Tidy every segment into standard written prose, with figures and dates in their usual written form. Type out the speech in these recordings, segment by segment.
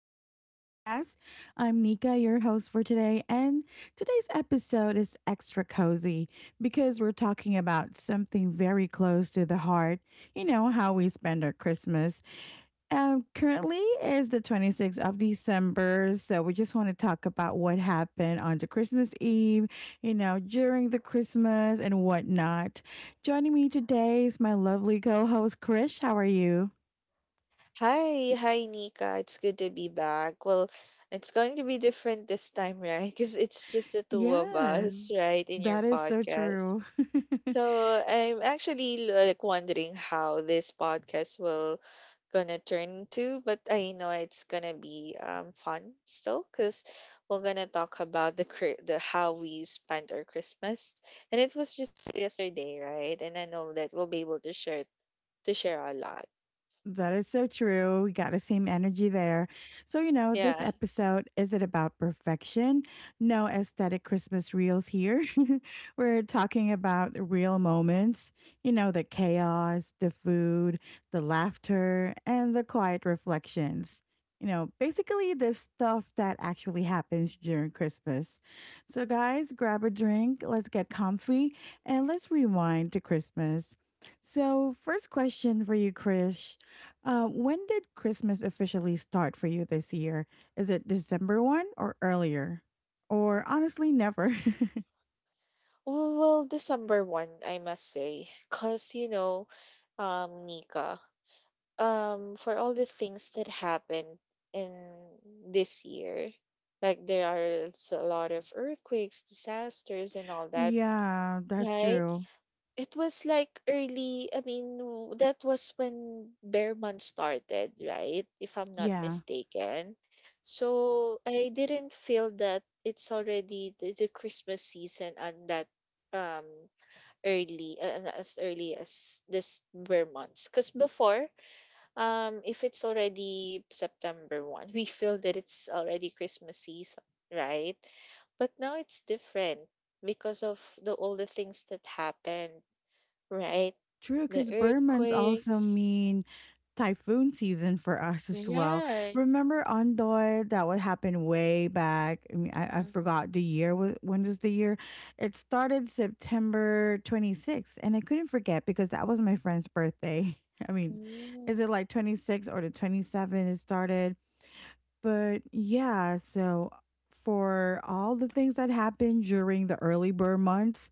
back to the podcast. I'm Nika, your host for today, and today's episode is extra cozy because we're talking about something very close to the heart. You know, how we spend our Christmas. Currently is the 26th of December, so we just want to talk about what happened on the Christmas Eve, during the Christmas and whatnot. Joining me today is my lovely co host, Krish. How are you? Hi, Nika. It's good to be back. Well, it's going to be different this time, right? Because it's just the two of Yes. us, right, in your That is so podcast. true. So I'm actually like wondering how this podcast will gonna turn into, but I know it's gonna be fun still, because we're gonna talk about the cri- the how we spent our Christmas, and it was just yesterday, right? And I know that we'll be able to share a lot. That is so true. We got the same Mhm. energy there. So, this Yeah. episode isn't about perfection. No aesthetic Christmas reels here. We're talking about the real moments, the chaos, the food, the laughter, and the quiet reflections. You know, basically the stuff that actually happens during Christmas. So, guys, grab a drink, let's get comfy, and let's rewind to Christmas. So, first question for you, Chris. When did Christmas officially start for you this year? Is it December 1 or earlier? Or honestly, never. Well, December 1, I must say. Because, Nika, for all the things that happened in this year, like there are a lot of earthquakes, disasters, and all that, Yeah, that's right? true. It was like early, I mean, that was when Bear Month started, right? If I'm not Yeah. mistaken. So I didn't feel that it's already the Christmas season on that. Um early As early as this were months, because before if it's already September 1, we feel that it's already Christmas season, right? But now it's different because of the all the things that happened, right? True, The because burn months also earthquakes, mean typhoon season for us as well. right? Remember Ondoy? That would happen way back. I mean, I forgot Mm-hmm. the year. When was the year? It started September 26th, and I couldn't forget because that was my friend's birthday. I mean, is Mm. it like 26 or the 27 it started? But yeah, so for all the things that happened during the early burn months,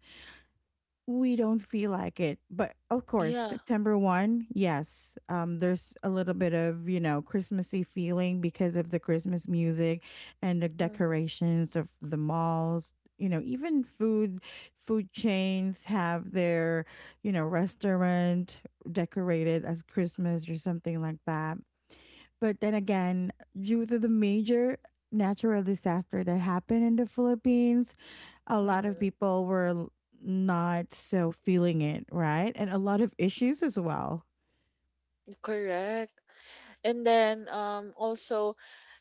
we don't feel like it. But of course, Yeah. September 1, yes, there's a little bit of Christmassy feeling because of the Christmas music and the Mm-hmm. decorations of the malls. You know, even food chains have their restaurant decorated as Christmas or something like that. But then again, due to the major natural disaster that happened in the Philippines, a lot of Mm-hmm. people were not so feeling it, right? And a lot of issues as well. Correct. And then also,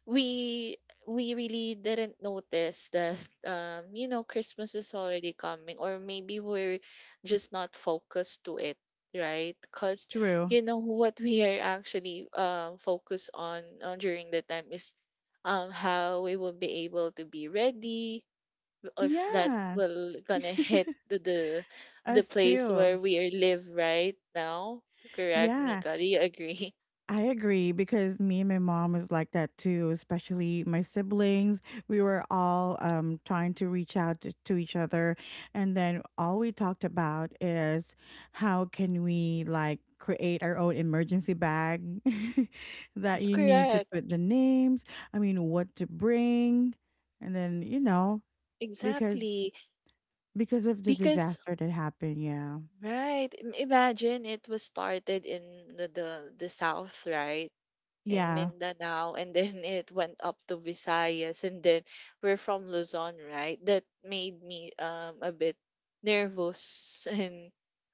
we we really didn't notice that Christmas is already coming, or maybe we're just not focused to it, right? Because True. you know what we are actually focused on during the time is how we will be able to be ready if that Yeah. will gonna hit the Us place too. where we are live right now. Correct, Yeah. Nika, do you agree? I agree because me and my mom was like that too, especially my siblings. We were all trying to reach out to each other. And then all we talked about is how can we like create our own emergency bag that you need to Correct. put the names, I mean, what to bring. And then, you know, because Exactly. because of the Because disaster that happened. Yeah. right, imagine it was started in the south, right? In Yeah. Mindanao, and then it went up to Visayas, and then we're from Luzon, right? That made me a bit nervous and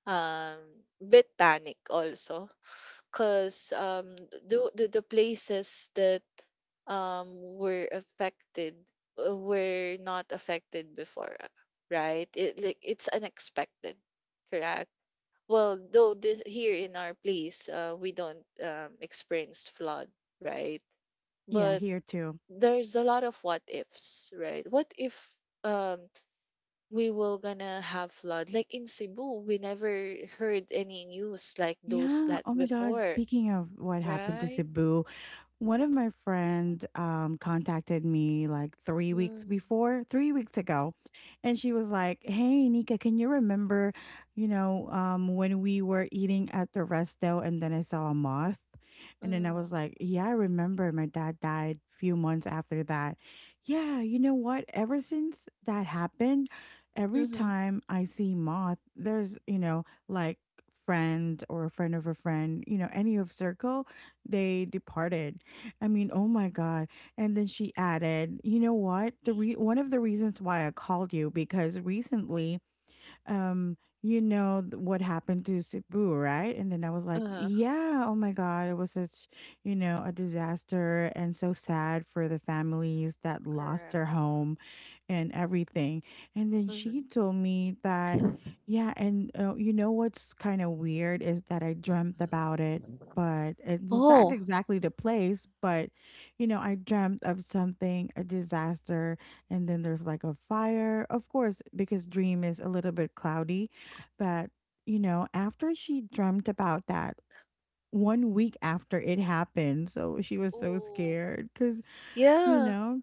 um bit panic also, because the places that um were affected were not affected before, right. It like it's unexpected, correct? Well though this here in our place, we don't experience flood, right? Yeah. But Here too. there's a lot of what ifs, right? What if um we will gonna have flood, like in Cebu we never heard any news like those Yeah. that Oh my God. before, Speaking of what happened to right? Cebu, one of my friends contacted me like 3 weeks Mm. before, 3 weeks ago, and she was like, "Hey, Nika, can you remember, when we were eating at the resto and then I saw a moth?" And then I Mm. was like, "Yeah, I remember. My dad died a few months after that. Yeah, you know what? Ever since that happened, every Mhm. time I see moth, there's like." Friend or a friend of a friend, any of circle they departed I mean, oh my God. And then she added, you know what? The one of the reasons why I called you because recently, what happened to Cebu, right? And then I was like, Uh-huh. yeah, oh my God, it was such a disaster and so sad for the families that lost Correct. their home and everything. And then she Mhm. told me that, yeah, and you know what's kind of weird is that I dreamt about it, but it was not Oh. exactly the place. But, I dreamt of something, a disaster, and then there's like a fire, of course, because dream is a little bit cloudy. But, after she dreamt about that, one week after it happened, so she was so Oh. scared because, you Yeah. know,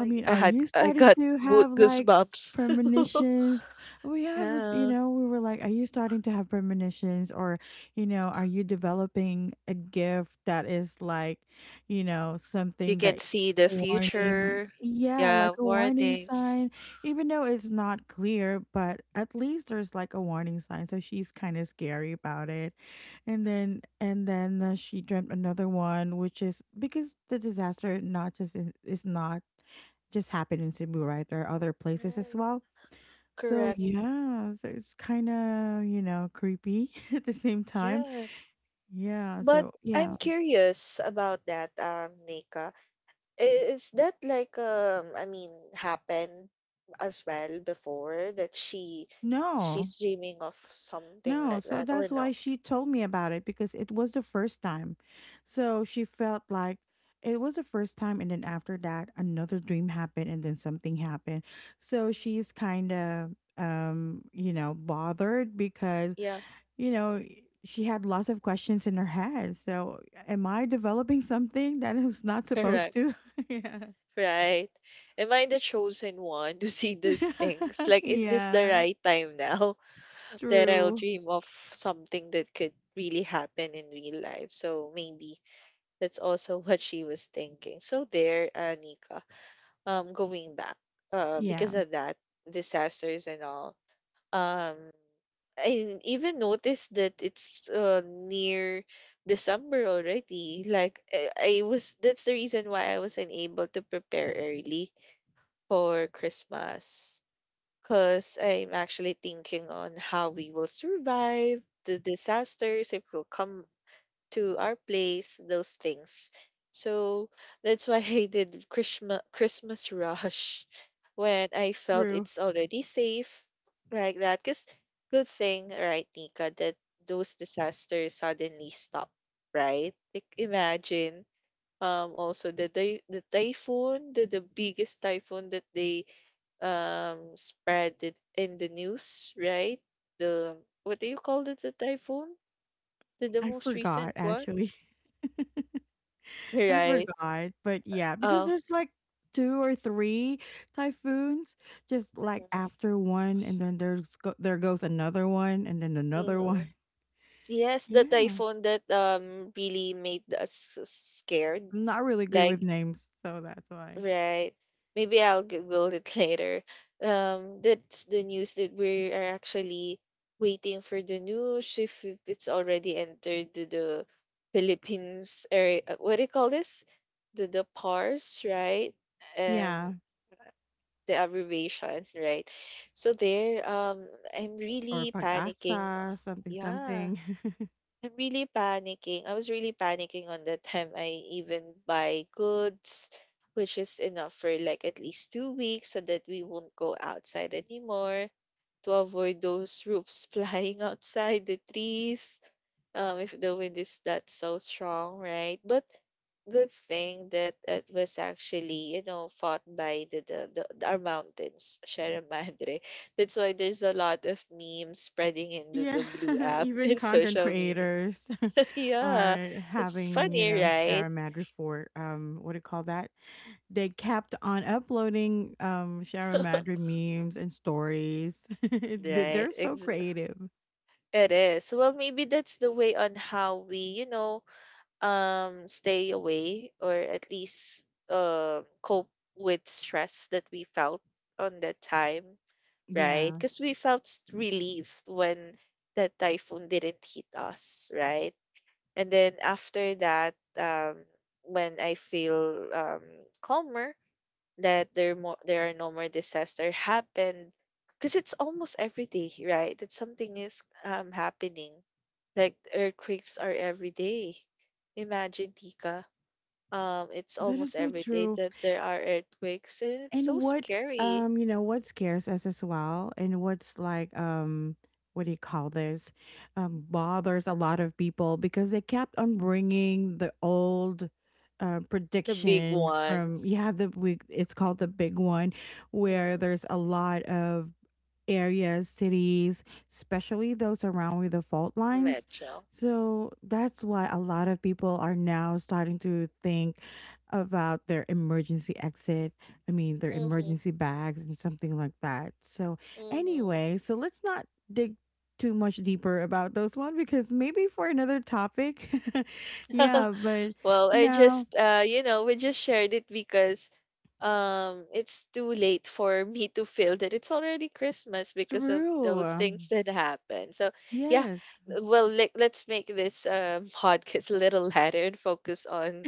I mean, are you I starting got to have like goosebumps. premonitions? We have, Yeah. We were like, are you starting to have premonitions or are you developing a gift that is like, you know, You something can that see the a warning? future. Yeah, Yeah, like a warning warnings. sign, even though it's not clear, but at least there's like a warning sign. So she's kind of scary about it. And then she dreamt another one, which is because the disaster not just is not just happened in Cebu, right? There are other places as Right. well. So Correct. yeah, so it's kind of creepy at the same time. Yes. Yeah, But so yeah. I'm curious about that, Nika. Is that like I mean happened as well before, that she No. she's dreaming of something No, like so that, or that's why no? she told me about it because it was the first time. So she felt like it was the first time and then after that another dream happened and then something happened. So Mm. she's kind of bothered because Yeah. you know, she had lots of questions in her head. So, am I developing something that I was not supposed Correct. to? Yeah. Right. Am I the chosen one to see these things? Like, is this the Yeah. right time now that I'll True. dream of something that could really happen in real life? So maybe that's also what she was thinking. So there, Nika, going back, Yeah. because of that, disasters and all. Um, I even noticed that it's near December already. Like, I was that's the reason why I wasn't able to prepare early for Christmas, because I'm actually thinking on how we will survive the disasters if we'll come to our place, those things. So that's why I did Christmas rush when I felt True. it's already safe, like that. Cause good thing, right, Nika, that those disasters suddenly stop, right? Like imagine also the typhoon, the biggest typhoon that they spread it in the news, right? The What do you call it, the typhoon? The I most forgot recent one? actually. I Right. forgot, but yeah, because Oh. there's like two or three typhoons just like Mhm. after one and then there goes another one and then another Mhm. one. Yes, the Yeah. typhoon that really made us scared. I'm not really good with Like, names, so that's why. right. Maybe I'll Google it later. That's the news that we are actually waiting for, the news if, it's already entered to the Philippines, or what do you call this? The PARS, right? Um, Yeah. the abbreviation, right? So there, I'm Or really panicking. pag-asa, something Yeah. something. I'm really panicking. I was really panicking on the time I even buy goods, which is enough for like at least 2 weeks so that we won't go outside anymore to avoid those roofs flying outside, the trees. If the wind is that so strong, right? But good thing that it was actually, fought by our mountains, Sierra Madre. That's why there's a lot of memes spreading into the Yeah, blue app even in content social media. creators Yeah, are it's having, you funny, know, right? Shara Mad report. What do you call that? They kept on uploading Shara Madrid memes and stories. Right. They're so Ex creative. it is. Well, maybe that's the way on how we, stay away, or at least cope with stress that we felt on that time, right? Yeah, Because we felt relief when that typhoon didn't hit us, right? And then after that, when I feel calmer, that there are no more disaster happened, because it's almost every day, right, that something is happening. Like earthquakes are every day. Imagine, Tika, it's that is almost so every day true. that there are earthquakes, and it's so And what scary. um, you know, what scares us as well, and what's like, what do you call this? Bothers a lot of people because they kept on bringing the old The big prediction one. from yeah the big it's called the big one where Mm. there's a lot of areas, cities, especially those around with the fault lines. Metro. So that's why a lot of people are now starting to think about their emergency exit. I mean, their Mm-hmm. emergency bags and something like that. So, Mm-hmm. anyway, so let's not dig too much deeper about those one because maybe for another topic. Yeah, but Well, I now, just you know, we just shared it because it's too late for me to feel that it's already Christmas because of those true. things that happen. So, yeah, Yes. well, let's make this podcast a little lighter and focus on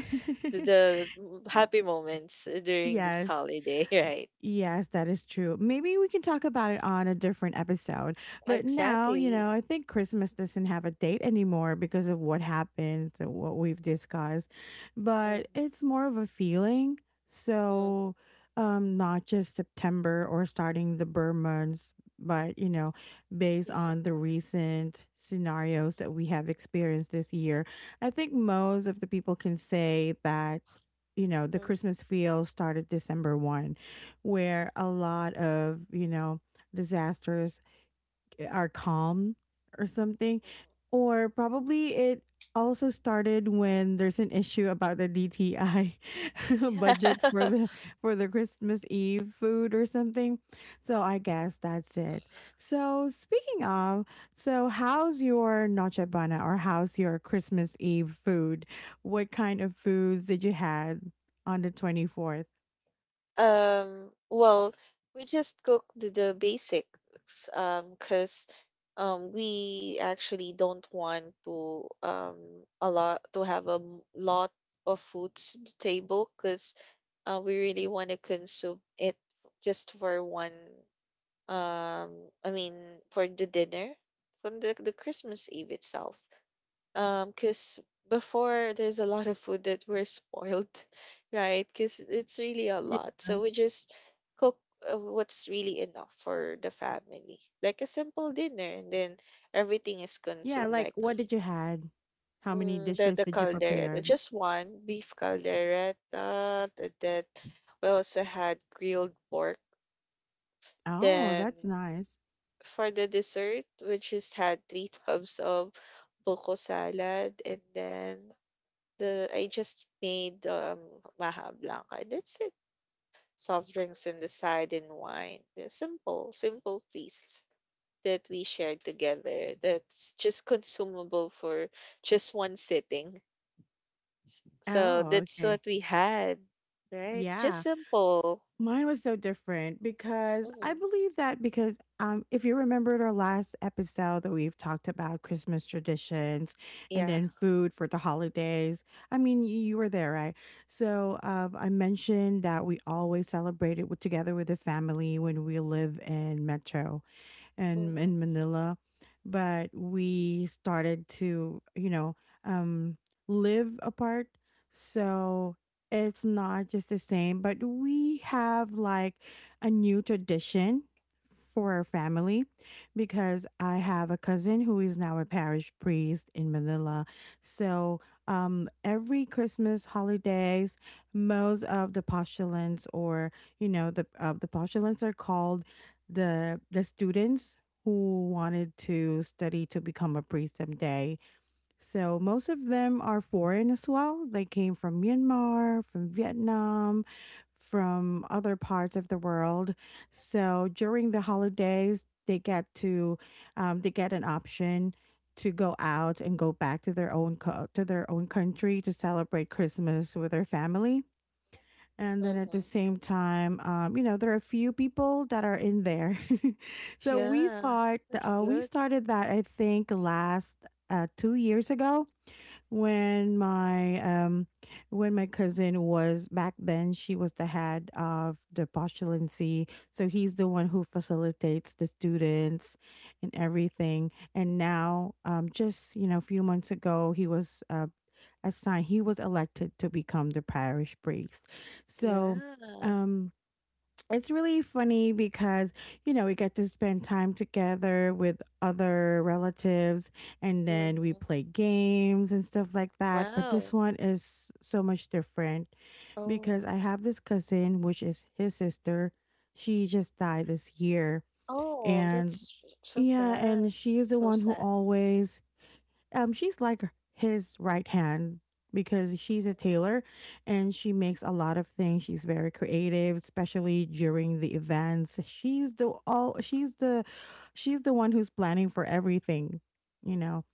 happy moments during this Yes. holiday, right? Yes, that is true. Maybe we can talk about it on a different episode. But now, you Exactly. know, I think Christmas doesn't have a date anymore because of what happened, and what we've discussed. But Mm-hmm. it's more of a feeling. Mm-hmm. So, not just September or starting the burn months, but based on the recent scenarios that we have experienced this year, I think most of the people can say that the Christmas Mm-hmm. feel started December one where a lot of disasters are calm or something. Mm-hmm. Or probably it also started when there's an issue about the DTI Yeah. budget for the Christmas Eve food or something. So I guess that's it. So speaking of, so how's your Noche Buena or how's your Christmas Eve food? What kind of foods did you had on the 24th? Well, we just cook the basics, 'cause we actually don't want to a lot to have a lot of foods to table, 'cause we really want to consume it just for one, um I mean, for the dinner from the Christmas Eve itself. Because before, there's a lot of food that we're spoiled, right? Because it's really a Yeah. lot. So we just cook what's really enough for the family, like a simple dinner, and then everything is Yeah, consumed, like like what did you had? How many the dishes the did you caldereta, prepared? just one beef caldereta. That we also had grilled pork. Oh, Then that's nice. for the dessert, we just had three tubs of buko salad, and then The I just made, Baja Blanca, that's it. Soft drinks on the side and wine. The simple, simple feast that we shared together that's just consumable for just one sitting. So Oh, that's what okay. we had, right? It's just Yeah. simple. Mine was so different because I Hmm. believe that because if you remembered our last episode that we've talked about Christmas traditions and Yeah. then food for the holidays. I mean, you were there, right? So, I mentioned that we always celebrated together with the family when we live in Metro. And Hmm. in Manila, but we started to, um, live apart. So it's not just the same, but we have like a new tradition for our family because I have a cousin who is now a parish priest in Manila. So, every Christmas holidays, most of the postulants or you know the the postulants are called the students who wanted to study to become a priest someday. So most of them are foreign as well. They came from Myanmar, from Vietnam, from other parts of the world. So during the holidays, they get an option to go out and go back to their own country to celebrate Christmas with their family. And then at the Hmm. same time, there are a few people that are in there. So we Yeah. thought, That's we good. started that, I think, last 2 years ago when my cousin was back then, she was the head of the postulancy. So he's the one who facilitates the students and everything. And now, just, a few months ago, he was assigned. He was elected to become the parish priest. So, Yeah. um, it's really funny because you know we get to spend time together with other relatives, and then we Hmm. play games and stuff like that. But this Wow. one is so much different Oh. because I have this cousin, which is his sister. She just died this year, Oh, and that's so yeah, and bad. she's the So one who sad. always she's like his right hand because she's a tailor and she makes a lot of things. She's very creative, especially during the events. She's the all she's the one who's planning for everything, you know.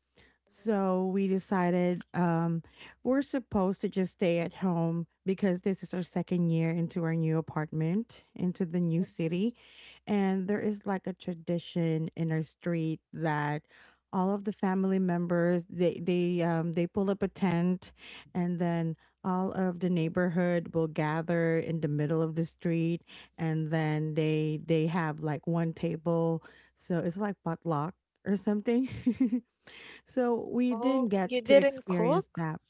So Mhm. we decided we're supposed to just stay at home because this is our second year into our new apartment, into the new city. And there is like a tradition in our street that all of the family members they pull up a tent, and then all of the Mhm. neighborhood will gather in the middle of the street, and then they have like one table, so it's like potluck or something. So we didn't Oh, get you to didn't experience cook? that.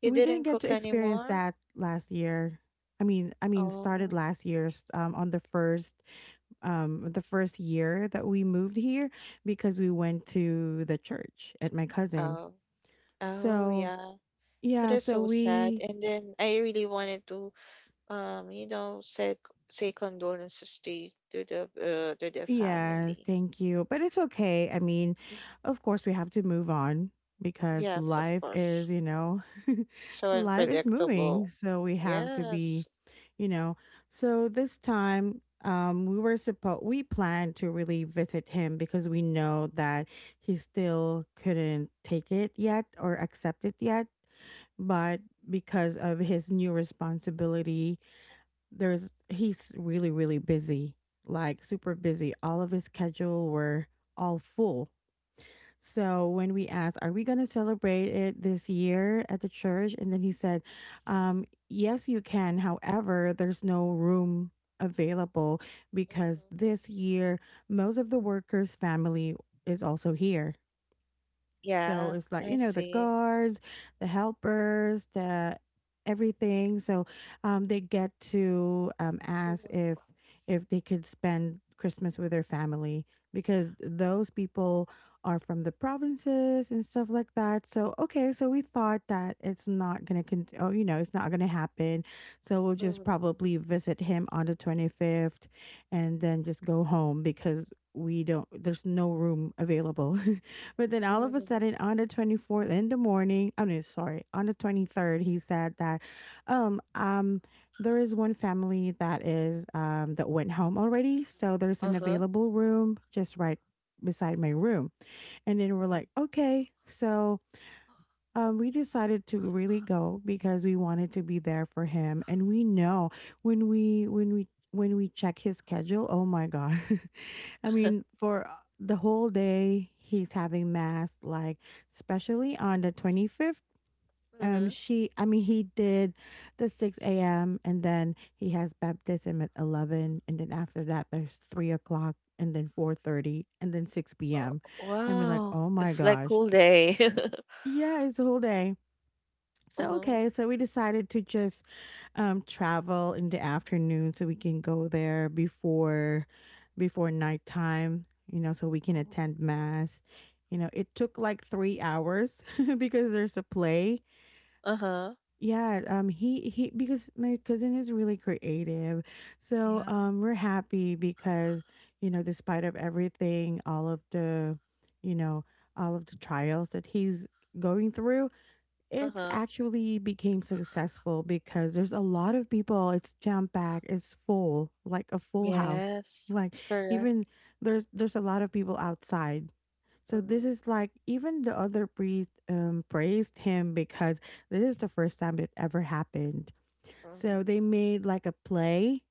You We didn't didn't get cook to experience anymore? that last year. I mean, started Oh. last year's, on the first year that we moved here, because we went Mhm. to the church at my cousin. Oh, oh, So, yeah. That yeah, is so so sad. we. And then I really wanted to, um, you know, say say condolences to to the Yes, family. thank you. But it's okay. I mean, Mhm. of course, we have to move on because Yes, of life is, course. you know, So life is moving. unpredictable. So we have to be, Yes. you know. So this time, we were supposed, we planned to really visit him because we know that he still couldn't take it yet or accept it yet. But because of his new responsibility, there's he's really really busy, like super busy. All of his schedule were all full, so when we asked, are we going to celebrate it this year at the church? And then he said, um, yes, you can, however there's no room available, because Mhm. this year most of the workers family is also here, so Yeah, it's like, you I know, the see. guards, the helpers, the everything. So they get to ask Mhm. If they could spend Christmas with their family, because those people are from the provinces and stuff like that. So okay, so we thought that it's not gonna con- it's not gonna happen. So we'll just Mhm. probably visit him on the 25th and then just go home because we don't, there's no room available. But then all of a Mhm. sudden on the 24th in the morning, I mean, sorry, on the 23rd, he said that um um there is one family that went home already, so there's an Uh-huh. available room just right beside my room. And then we're Uh-huh. like, okay, so we decided to really go because we wanted to be there for him, and we know when we check his schedule. Oh my god! I mean, for the whole day he's having mass, like especially on the 25th. She, I mean, he did the 6 a.m., and then he has baptism at 11, and then after that there's 3 o'clock, and then 4:30, and then six Oh. p.m. I mean, like, Wow, oh my it's like gosh! cool day. Yeah, it's a whole day. So Uh-huh. okay, so we decided to just travel in the afternoon so we can go there before nighttime. You know, so we can Oh. attend mass. You know, it took like 3 hours because there's a play. Uh-huh. Yeah, he because my cousin is really creative, so Yeah. We're happy because despite of everything, you know, all of the trials that he's going through, it's Uh-huh. actually became successful because there's a lot of people. It's jam packed. It's full, like a full house. Yes. Like, Correct. even there's a lot of people outside. So this Mm-hmm. is like, even the other priest praised him because this is the first time it ever happened. Mm-hmm. So they made like a play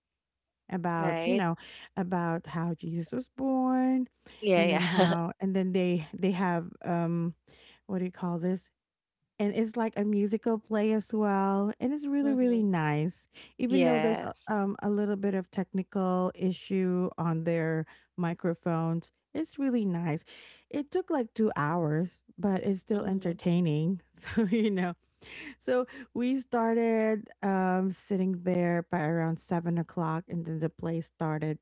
about you Right? know about how Jesus was born, and Yeah, then yeah. how, and then they have, what do you call this, and it's like a musical play as well, and it's really Mm-hmm. really nice, even though there's Yes. A little bit of technical issue on their microphones. It's really nice. It took like 2 hours, but it's still Mm-hmm. entertaining. So we started, sitting there by around 7 o'clock, and then the play started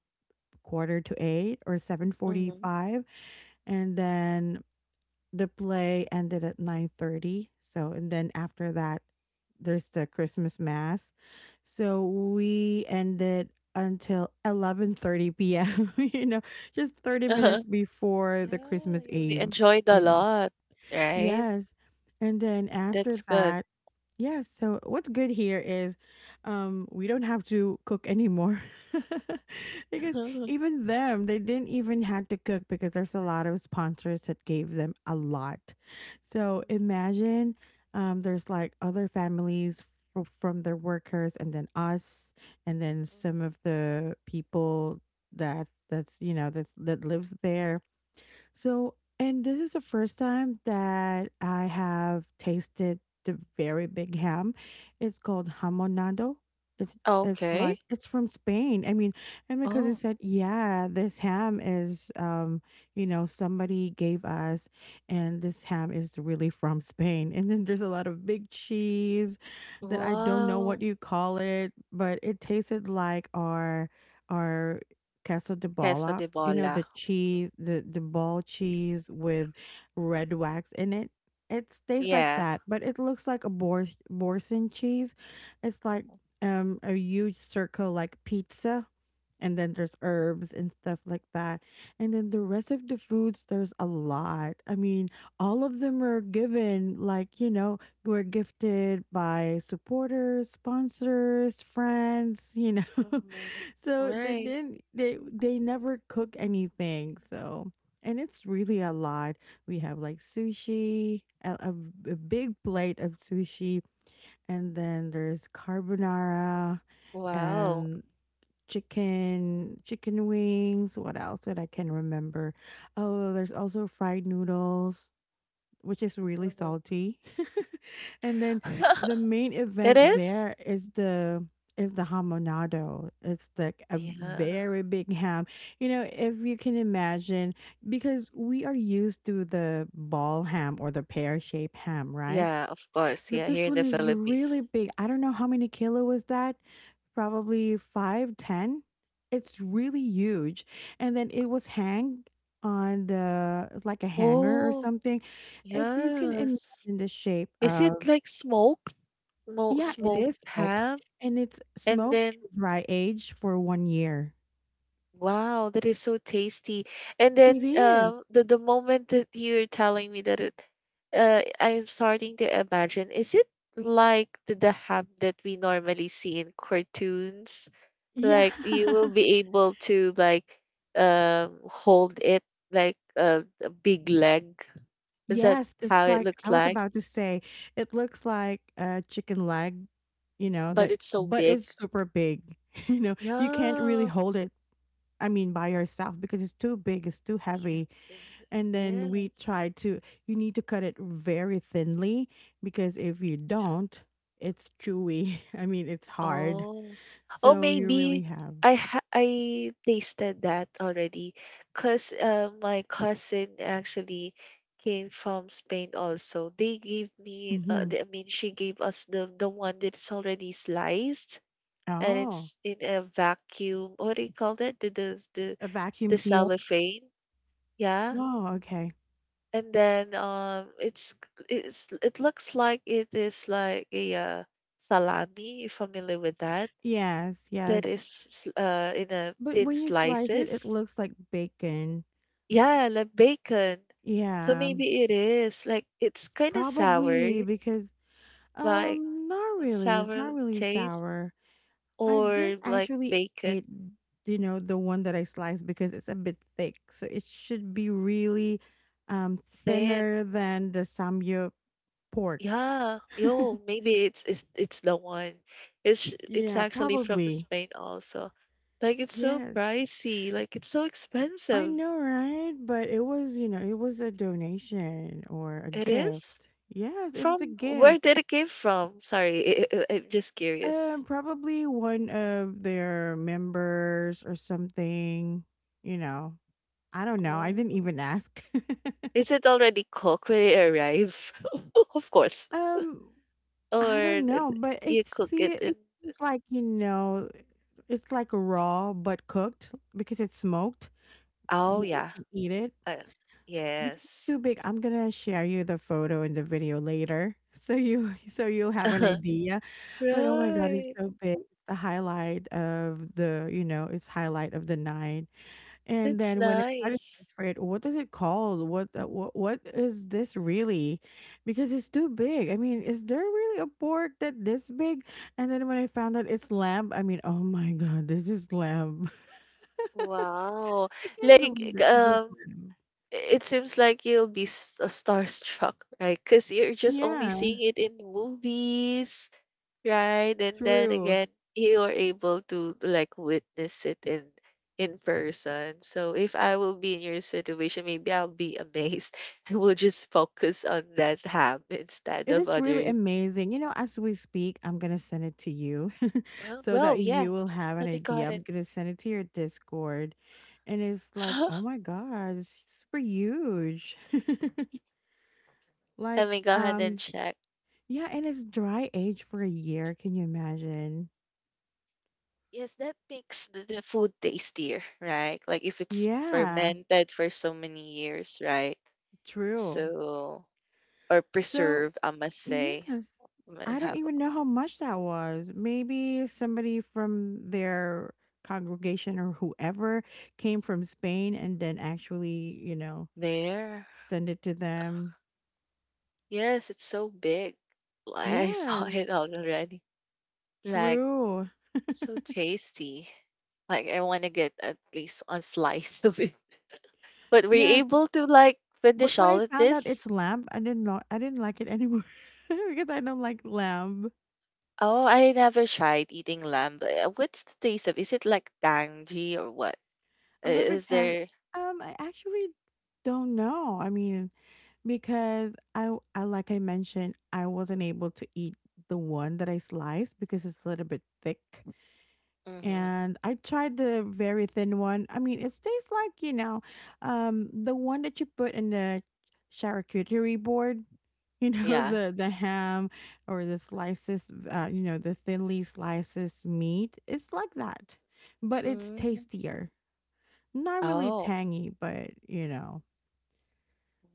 quarter to eight, or Mm-hmm. 7:45, and then the play ended at 9:30, so. And then after that there's the Christmas mass, so we ended until 11:30 p.m. You know, just 30 Uh-huh. minutes before the Yeah, Christmas you eve enjoyed a you know lot, right? Yes. And then after That's good. that, yes. So what's good here is, we don't have to cook anymore. Because Mm-hmm. even them, they didn't even had to cook because there's a lot of sponsors that gave them a lot. So Mm-hmm. imagine, there's like other families, from their workers, and then us, and then some of the people that that's you know that's that lives there. So, and this is the first time that I have tasted the very big ham. It's called hamonado. It's it's Okay. like it's from Spain. I mean, and my cousin Oh, said, "Yeah, this ham is, somebody gave us, and this ham is really from Spain." And then there's a lot of big cheese that I don't know wow. what you call it, but it tasted like our queso de Queso bola, de you know, bola. the cheese, the ball cheese with red wax in it. It tastes like Yeah. that, but it looks like a borson cheese. It's like, a huge circle, like pizza, and then there's herbs and stuff like that. And then the rest of the foods, there's a lot. I mean, all of them are given, like, you know, were gifted by supporters, sponsors, friends. Mm-hmm. So they Right. didn't, they never cook anything. So, and it's really a lot. We have like sushi, a big plate of sushi, and then there's carbonara, Wow. and chicken, chicken wings. What else that I can remember? Oh, there's also fried noodles which is really Mhm. salty. And then the main It event is? there is the hamonado. It's like a Yeah. very big ham. You know, if you can imagine, because we are used to the ball ham or the pear shaped ham, right? Yeah, of course. But Yeah, this here in one the is really Philippines. big. I don't know how many kilo was that? Probably five, ten. It's really huge. And then it was hang on the, like, a hanger or Oh, something. If you can yes. imagine the shape Is it of, like smoked? Mo yeah, it smoked is smoked. ham? And it's And smoked then, and dry aged for 1 year. wow, that is so tasty. And It then, is. The moment that you're telling me that it, I'm starting to imagine, is it like the ham that we normally see in cartoons? Yeah. Like, you will be able to like hold it like a big leg. Is that Yes, how just it like looks I was like? about to say, it looks like a chicken leg, you know, But that, it's so but big. it's super big. You know, you can't really Yeah. hold it. I mean, by yourself, because it's too big, it's too Yeah. heavy. uh, And then we Yes. try to, you need to cut it very thinly because if you don't, it's chewy. I mean, it's hard. Oh, oh, So you really maybe have. I tasted that already, cause my cousin actually came from Spain also. They gave me, Hmm. I mean, she gave us the one that's already sliced, and Oh, it's in a vacuum. What do you call that? The the the, a vacuum the seal. cellophane. Yeah. Oh, okay. And then it looks like it is, like a salami, you familiar with that? Yes, That yes. is in a But thin when you slice it, it slices. looks like bacon. Yeah, like bacon. So Yeah, maybe it is like it's kind of sour, probably because, like not a really. It's sour not really taste, sour. I or didn't like actually bacon eat, you know, the one that I sliced because it's a bit thick. So it should be really, thin. thinner than the samyup pork. Yeah, yo, maybe it's the one. It's Yeah, actually from probably. Spain also. Like it's so Yes. pricey, like it's so I expensive. know, right? But it was a donation or a It is? gift. Yes, it is a From where gift. did it came from? Sorry, I'm just curious. Probably one of their members or something, you know. I don't know. I didn't Oh. even ask. Is it already cooked when it arrive? Of course. um, I Or don't th- know, but you it's cook it the in. it's like, you know, it's like raw but cooked, because it's smoked, Oh, that you yeah. can eat it. Uh, So because it's yes. too big, I'm gonna share you the photo and the video later so you so you'll have an idea. But oh my god, it's Right. so big. It's the highlight of the, you know, it's highlight of the night. And That's then when I try to nice. search for it, what is it called? What is this really? Because it's too big. I mean, is there really a pork that this big? And then when I found out it's lamb, I mean, oh my god, this is lamb. Wow. I can't Like, believe that this is lamb. it seems like you'll be starstruck, right? Because you're just only Yeah, seeing it in movies, right? And then true. again, you are able to like witness it in person. So if I will be in your situation, maybe I'll be amazed. I will just focus on that ham instead It of is really other. amazing. You know, as we speak, I'm gonna send it to you Uh, so well, that yeah. you will have an Let me go idea. ahead and I'm gonna send it to your Discord. And it's like, oh my god, it's super huge. Like, let me go ahead and um, check. yeah, and it's dry age for a year. Can you imagine? Yes, that makes the food tastier, right? Like if it's Yeah, fermented for so many years, right? true. So, or So, preserved, I must yes, say. Might I don't have even know how much that was. Maybe somebody from their congregation or whoever came from Spain, and then actually, there. send it to them. Yes, it's so big. Like I saw Yes, it out already. Like true. so tasty. Like I want to get at least one slice of it. But were you Yes, able to like but finish when I all of found out this? it's lamb, I didn't know, I didn't like it anymore, because I don't like lamb. Oh, I never tried eating lamb. But what's the taste of? Is it like tangy or what? I- A little bit Is tang, there? I actually don't know. I mean, because I w I like I mentioned, I wasn't able to eat the one that I sliced because it's a little bit thick, Hmm. and I tried the very thin one. I mean, it tastes like, the one that you put in the charcuterie board, you know, Yeah. the ham or the slices, you know, the thinly slices meat. It's like that, but it's Mm. tastier. Not really Oh, tangy, but,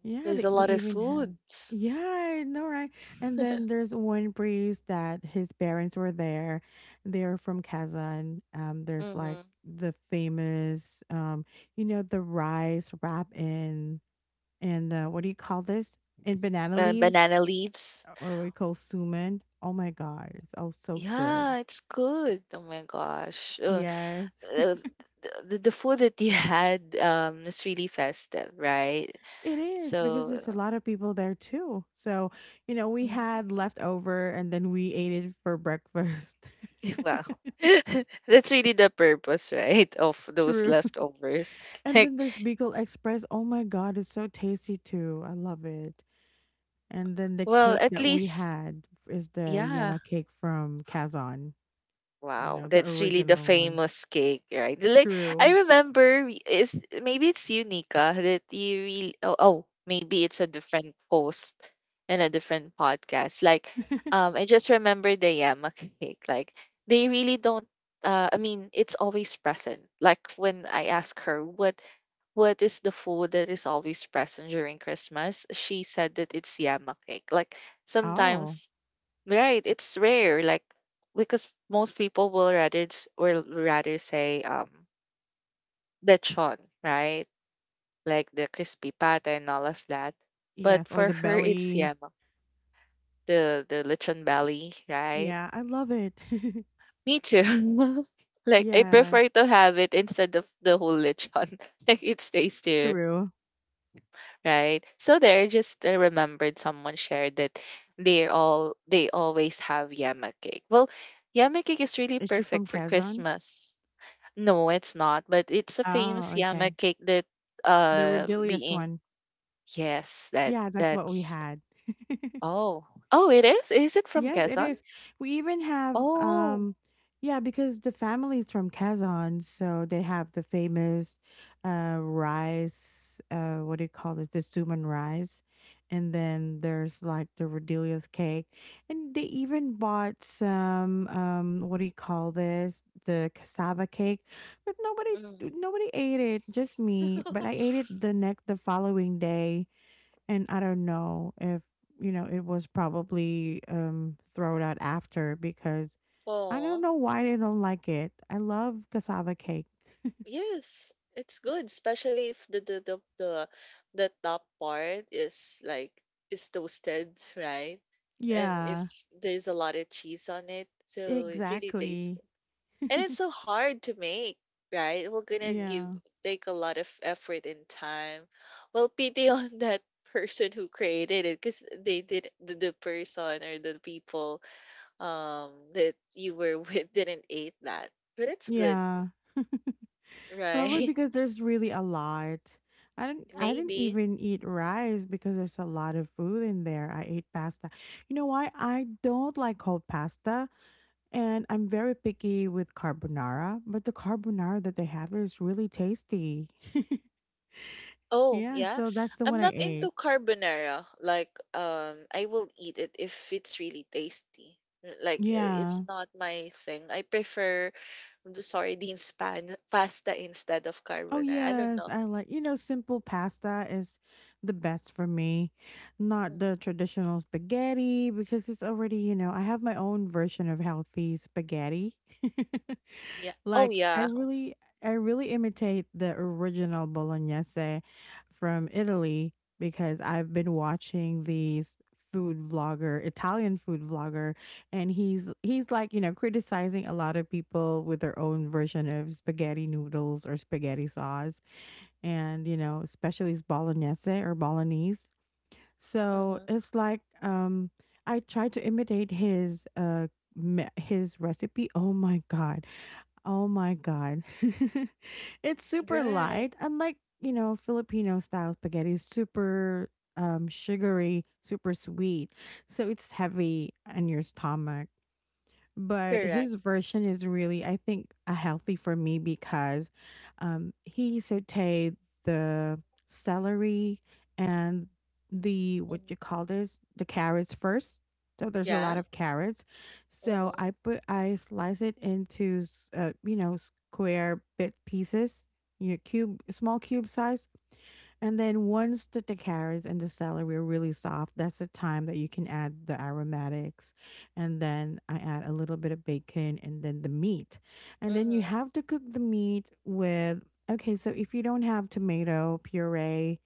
Yeah, there's they a we lot of even have foods. Yeah, I know, right? And then there's one priest that his parents were there. They're from Kazan. There's like Hmm. the famous, you know, the rice wrap in and what do you call this? In banana And leaves, banana leaves. or we call suman. Oh my God, it's oh so good. Yeah, it's good. Oh my gosh. Yes. uh, th- the food that you had is really festive, right? It is because So, there's a lot of people there too. So, you know, we had mhm. leftover and then we ate it for breakfast. Wow. That's really the purpose, right, of those True. leftovers. And Like, then there's Bicol Express. Oh my God, it's so tasty too. I love it. And then the well, cake at that we least, had is the yeah, yama cake from Kazan, you wow, know, the that's really the original one. famous cake, right? Like I True. remember, we- is maybe it's you, Nika, that you really. Oh, oh, maybe it's a different post and a different podcast. Like, I just remember the yama cake. Like they really don't. I mean, it's always present. Like when I ask her what is the food that is always present during Christmas, she said that it's yama cake. Like Oh, sometimes. Right, it's rare, like because most people will rather say lechon, right? Like the crispy pata and all of that. yes. But Or for the her, it's belly. yema, the lechon belly, right? Yeah, I love it. Me too. Like I Yeah, prefer to have it instead of the whole lechon. Like it stays there, true. right? So there, just I remembered someone shared that they always have yema cake. Well, yama cake is really Is she from perfect for Kazan? Christmas. No, it's not, but it's a Oh, famous yama okay. cake that The Rodelius being one. yes, that Yeah, that's what we that's had. oh. Oh, it is? Is it from Yes, it Quezon? is. We even have Oh. Yeah, because the family's from Kazan, so they have the famous rice, what do you call it? The Zuman rice. And then there's like the Rodelius cake. And they even bought some what do you call this? The cassava cake. But nobody Mm. nobody ate it, just me. But I ate it the following day. And I don't know if, you know, it was probably thrown out after because I don't Oh, know why they don't like it. I love cassava cake. yes, it's good, especially if the top part is like is toasted, right? And if Yeah, there's a lot of cheese on it, so it really tastes. exactly. And it's so hard to make, right? We're gonna give Yeah. take a lot of effort and time. Well, pity on that person who created it, because they did the person or the people that you were with didn't eat that. But it's good, Yeah. Probably right? because there's really a lot. I didn't I didn't Maybe. even eat rice because there's a lot of food in there. I ate pasta. You know why? I don't like cold pasta. And I'm very picky with carbonara, but the carbonara that they have is really tasty. Oh Yeah, yeah, so that's the I'm one I not ate. into carbonara. Like I will eat it if it's really tasty. Like uh, Yeah. it's not my thing. I prefer the sardines pan pasta instead of Oh carbonara. I don't yes, know. I like, you know, simple pasta is the best for me, not Mhm. the traditional spaghetti because it's already, you know, I have my own version of healthy spaghetti. Yeah. Oh like I yeah. really I really imitate the original bolognese from Italy because I've been watching these food vlogger Italian food vlogger, and he's like, you know, criticizing a lot of people with their own version of spaghetti noodles or spaghetti sauce, and you know especially it's bolognese or bolognese, so Mhm. it's like I tried to imitate his recipe. Oh my god, oh my god. It's super Right. light, unlike, you know, filipino style spaghetti is super sugary, super sweet, so it's heavy on your stomach, but Correct. his version is really, I think, a healthy for me because he sauteed the celery and the what you Mhm. call this the carrots first, so there's a Yeah. lot of carrots, so Mhm. I put, I slice it into you know, square bit pieces, you know, cube, small cube size. And then once the carrots and the celery are really soft, that's the time that you can add the aromatics. And then I add a little bit of bacon and then the meat. And then you Mhm. have to cook the meat with, okay, so if you don't have tomato puree,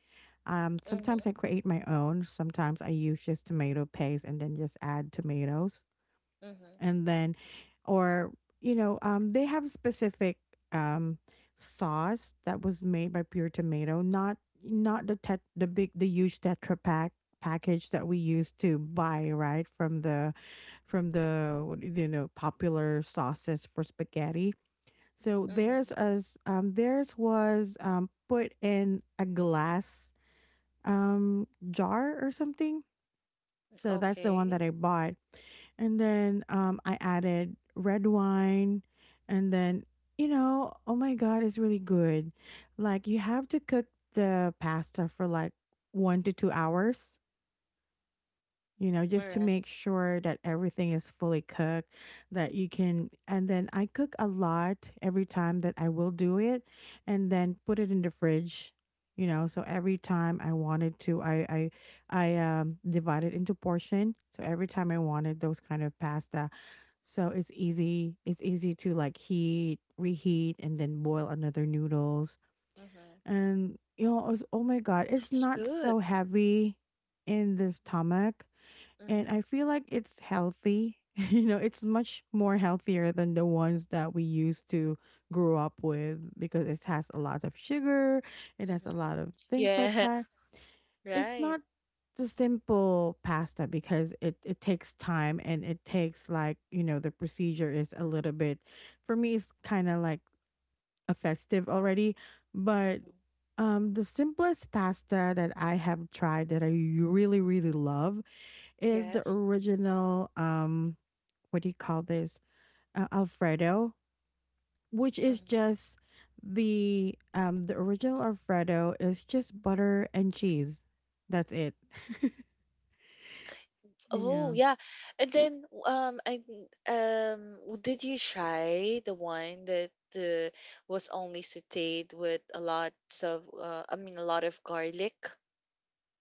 sometimes Mhm. I create my own. Sometimes I use just tomato paste and then just add tomatoes, Mhm. and then or, you know, they have specific um sauce that was made by pure tomato, not the big, the huge tetra pack package that we used to buy, right, from the from the, what do you know, popular sauces for spaghetti. So theirs, Mhm. as theirs was put in a glass um jar or something, so that's the one Okay. that I bought. And then I added red wine. And then, you know, oh my God, it's really good. Like, you have to cook the pasta for like 1 to 2 hours, you know, All just to right. make sure that everything is fully cooked, that you can. And then I cook a lot every time that I will do it, and then put it in the fridge. You know, so every time I wanted to, I divide it into portion. So every time I wanted those kind of pasta, so it's easy. It's easy to like heat, reheat, and then boil another noodles. Mhm. And you know, it's, oh my god, it's That's not good. so heavy in the stomach, and I Mhm. feel like it's healthy. You know, it's much more healthier than the ones that we used to grow up with because it has a lot of sugar, it has a Mhm. lot of things like Yeah. that. It's Right. not the simple pasta because it takes time and it takes like, you know, the procedure is a little bit, for me it's kinda like a festive already. But Mhm. The simplest pasta that I have tried that I really, really love is the Yes. original what do you call this, alfredo, which is Mhm. just the original alfredo is just butter and cheese, that's it. Oh Yeah. yeah, and then did you try the one that uh, was only sautéed with a lot of a lot of garlic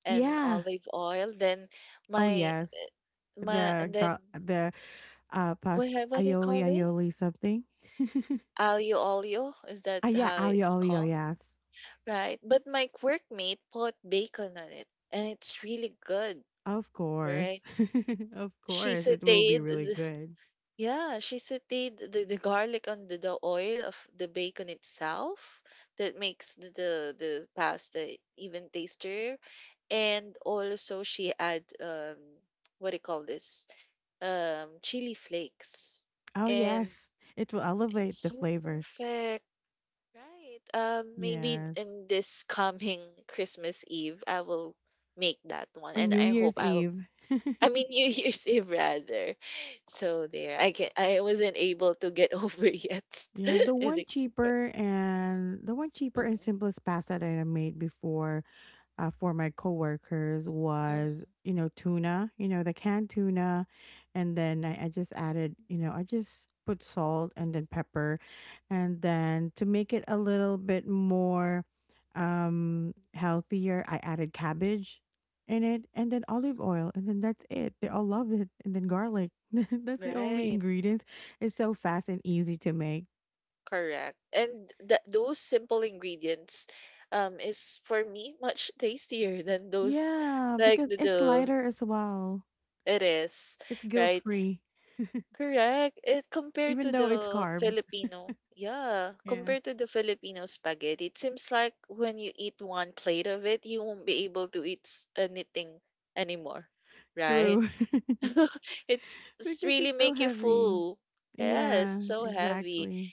and Yeah. olive oil? Then Oh my yes. my the and then got the past what do you Aioli, call this? aioli something. Aglio olio is that Ah yeah, how it's aioli, called? yes. Right. But my workmate put bacon on it, and it's really good, Of course. right? Of She course it will be sautéed. really good. Yeah, she sautéed the garlic on the oil of the bacon itself that makes the pasta even tastier. And also she add what do you call this? Chili flakes. Oh And yes, it will it's elevate the so flavor. perfect, right? Maybe Yes, in this coming Christmas Eve I will make that one on and New I hope Year's Eve. I mean New Year's Eve rather. So there, I can I wasn't able to get over yet. Yeah, and the, but, the one cheaper and mhm, simplest pasta that I made before, for my coworkers, was, mhm. you know, tuna, you know, the canned tuna. And then I just added, you know, I just put salt and then pepper, and then to make it a little bit more healthier, I added cabbage in it, and then olive oil, and then that's it, they all love it, and then garlic. That's the only Right, ingredients. It's so fast and easy to make. correct. And that those simple ingredients, is for me much tastier than those Yeah, like because it's the lighter as well. it is It's guilt right. free, Correct. It compared even to though it's the carbs. Filipino, yeah, Yeah, compared to the Filipino spaghetti, it seems like when you eat one plate of it, you won't be able to eat anything anymore, right? true. It's Because really it's so make you heavy. full. Yes, Yeah, so heavy. exactly.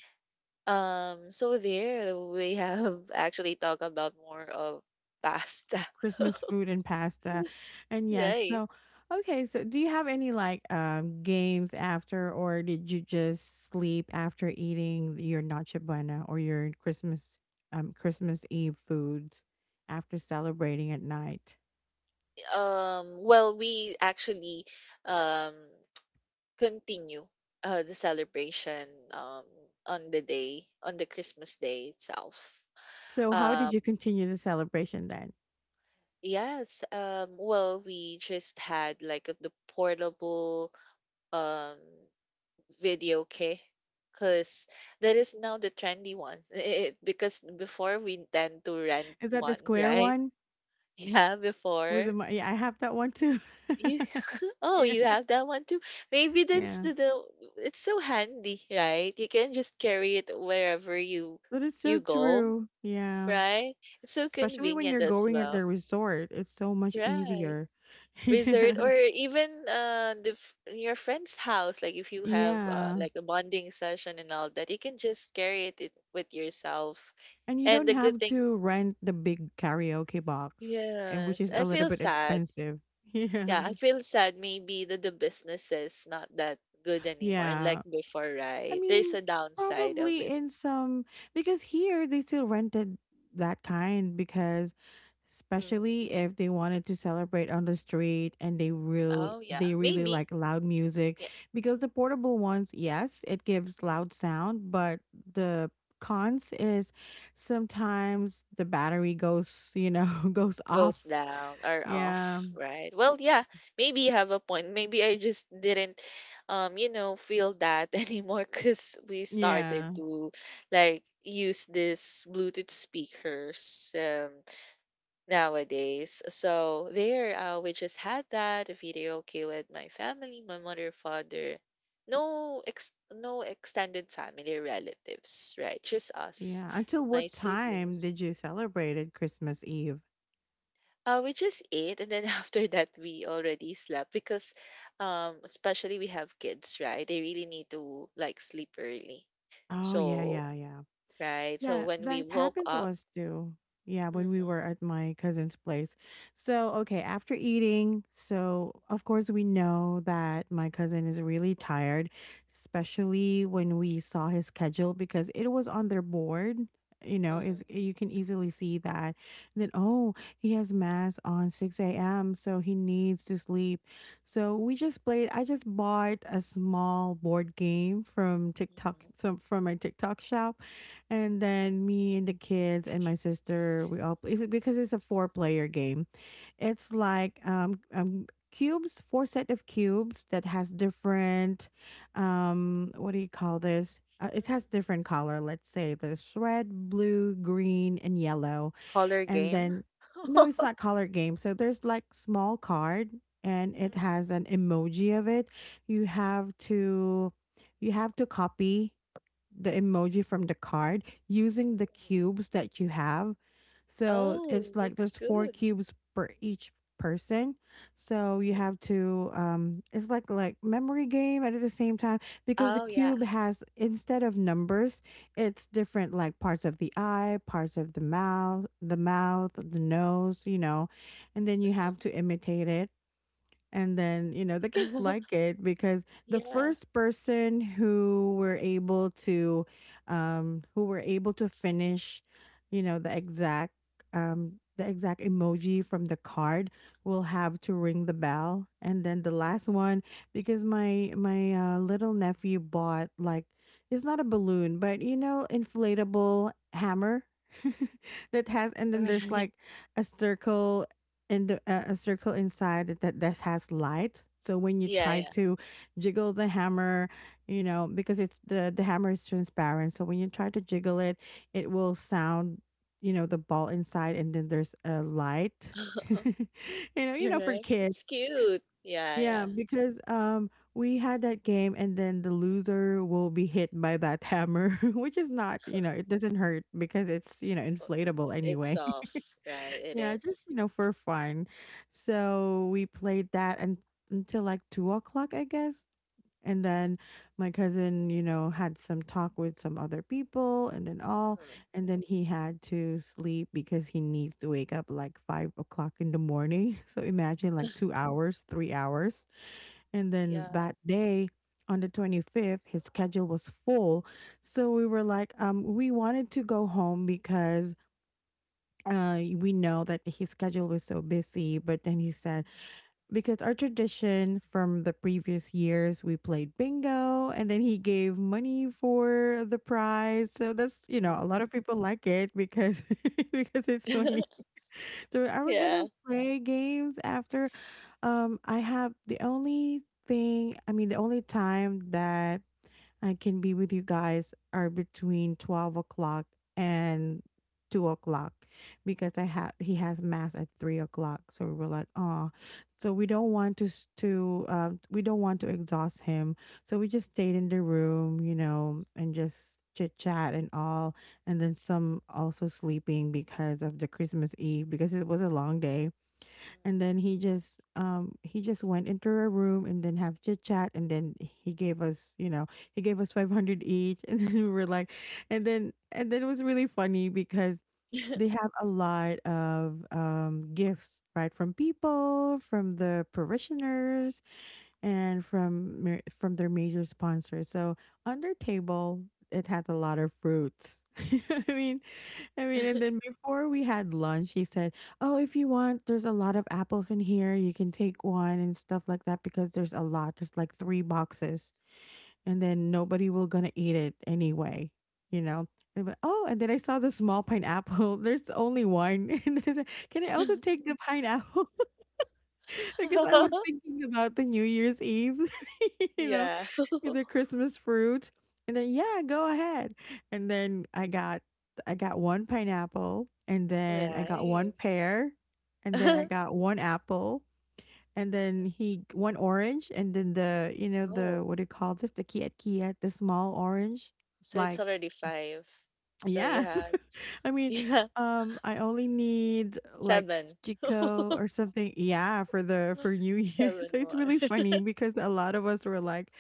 So there we have actually talked about more of pasta. Christmas food and pasta. And yes, Right. so okay, so do you have any like games after, or did you just sleep after eating your noche buena or your Christmas Christmas Eve foods after celebrating at night? Well, we actually um continue the celebration on the day, on the Christmas day itself. So how did Um, you continue the celebration then? yes, well, we just had like the portable um, video kit because that is now the trendy one. It, because before we tend to rent Is that the one, square right? one Yeah, with before. Yeah, I have that one too. You oh, Yeah. you have that one too. Maybe that's Yeah. The it's so handy, right? You can just carry it wherever That is you so go, true. Yeah. right? It's so Especially when convenient you're as going at the well, resort, it's so much right? easier. Resort or Yeah. even the your friend's house, like if you have Yeah. like a bonding session and all that, you can just carry it with yourself. And you And don't the good have thing, to rent the big karaoke box, and which yes, is a I little feel bit sad. expensive. Yeah, Yeah. I feel sad maybe that the business is not that good anymore. And like Yeah. before, I right? There's mean, a downside of probably it. in some, because here they still rented that kind because Hmm. especially if they wanted to celebrate on the street and they real Oh, yeah. they really Maybe. like loud music, Yeah. because the portable ones, yes, it gives loud sound, but the cons is sometimes the battery goes, you know, goes Goes off. down or Yeah. off, right? Well, yeah. Maybe you have a point. Maybe I just didn't, you know, feel that anymore because we started Yeah. to like use this Bluetooth speakers. Nowadays. So there, we just had that a video okay with my family, my mother, father, no extended family relatives, right? Just us, Yeah. Until my what time siblings. did you celebrate at Christmas Eve? We just ate and then after that we already slept because especially we have kids, right? They really need to like sleep early. Oh, yeah, yeah, So, yeah. right. So Yeah, when we that woke happened to up, us too. Yeah, mm-hmm, when we were at mm-hmm, my cousin's place. So, okay, after eating, so of course we know that my cousin is really tired, especially when we saw his schedule because it was on their board. You know, is you can easily see that. And then, oh, he has mass on 6 a.m., so he needs to sleep. So we just played. I just bought a small board game from TikTok, mm-hmm, some from my TikTok shop, and then me and the kids and my sister, we all play, it's because it's a four player game. It's like cubes, four set of cubes that has different what do you call this? It has mm-hmm. different color. Let's say there's red, blue, green, and yellow. Color And game. then no, it's not color game. So there's like small card and it has Mhm, an emoji of it. You have to you have to copy the emoji from the card using the mhm. cubes that you have. So Oh, it's like looks there's four good. cubes per each person. So you Mhm. have to it's like memory game at the same time, because the Oh, yeah. cube has, instead of numbers, it's different like parts of the eye, parts of the mouth, the mouth, the nose, you know. And then you Mhm. have to imitate it. And then, you know, the kids like it because the Yeah. first person who were able to, finish, you know, the exact emoji from the card, will have to ring the bell. And then the last Mhm. one because my little nephew bought like it's not a balloon, but you know, inflatable hammer that has and then there's Right. like a circle and a circle inside that has light. So when you Yeah, try yeah. to jiggle the hammer, you know because it's the hammer is transparent. So when you try to jiggle it, it will sound, you know, the ball inside, and then there's a light. you for Correct. kids. It's cute. Yeah, Yeah, yeah. because we had that game and then the loser will be hit by that hammer, which is not, you know, it doesn't hurt because it's, you know, Oh, inflatable it's anyway. soft, right? It Yeah, just, is. you know, for fun. So we played that un until like 2 o'clock, I guess. And then my cousin, you know, had some talk with some other people and then all. Mhm. And then he had to sleep because he needs to wake up like 5 o'clock in the morning. So imagine like 2 hours, 3 hours. And then Yeah. that day, on the 25th, his schedule was full. So we were like, we wanted to go home because we know that his schedule was so busy, but then he said, Mhm. because our tradition from the previous years, we played bingo and then he gave money for the prize. So that's, you know, a Mhm. lot of people like it because because it's money. So are we gonna Yeah. play games after? I have the only thing, I mean, the only time that I can be with you guys are between 12 o'clock and 2 o'clock because I have he has mass at 3 o'clock. So we were like, oh, so we don't want to, we don't want to exhaust him. So we just stayed in the room, you know, and just chit chat and all. And then some also sleeping because of the Christmas Eve because it was a long day and then he just went into a room and then have chit chat and then he gave us you know he gave us 500 each and then we were like, and then it was really funny because Mhm. they have a lot of gifts right from people from the parishioners and from from their major sponsors so on their table it has a lot of fruits. i mean I mean, and then before we had lunch, he said, "Oh, if you want, there's a lot of apples in here. You can take one and stuff like that because there's a lot. There's like three boxes, and then nobody will gonna eat it anyway, you know." And but, oh, and then I saw the small pineapple. There's only one, and then I said, "Can I also take the pineapple?" Because I was thinking about the New Year's Eve, you know, Yeah. the Christmas fruit. And then yeah, go ahead. And then I got one pineapple and then I got one Nice. pear and then I got one apple and then he one orange and then the you know the Oh, what do you call this? The kiat kiat, the small orange. so it's Like already five. So you Yes. have, I mean, yeah. I only need like 7. Chico or something. Yeah, for the for New Year. 7 So it's more. really funny because a lot of us were like,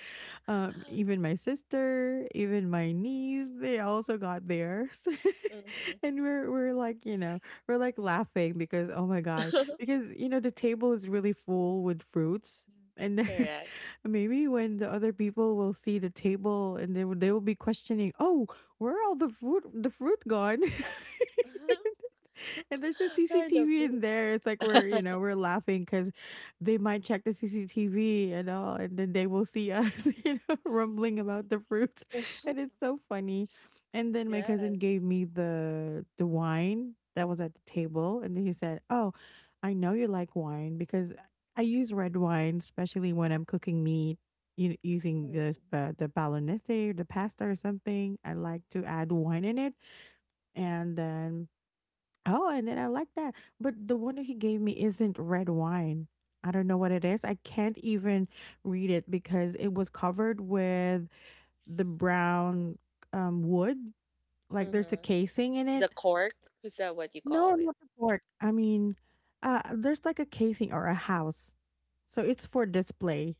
even my sister, even my niece, they also got theirs. Mhm. And we're like, you know, we're like laughing because oh my God. Because, you know, the table is really full with fruits. And then Correct. maybe when the other people will see the table and they will be questioning, oh, where all the fruit gone. And there's a Where are the CCTV in there. fruits? It's like we're, you know, we're laughing because they might check the CCTV and all, and then they will see us, you know, rumbling about the fruits, Mhm. and it's so funny. And then my cousin Yes. gave me the wine that was at the table, and then he said, "Oh, I know you like wine because I use red wine, especially when I'm cooking meat." You using Mhm, the bolognese or the pasta or something, I like to add wine in it, mhm, and then oh, and then I like that. But the one that he gave me isn't red wine. I don't know what it is. I can't even read it because it was covered with the brown wood. Like there's a mhm. casing in it. The cork? Is that what you No, call it? not the cork. I mean, there's like a casing or a house. So it's for display,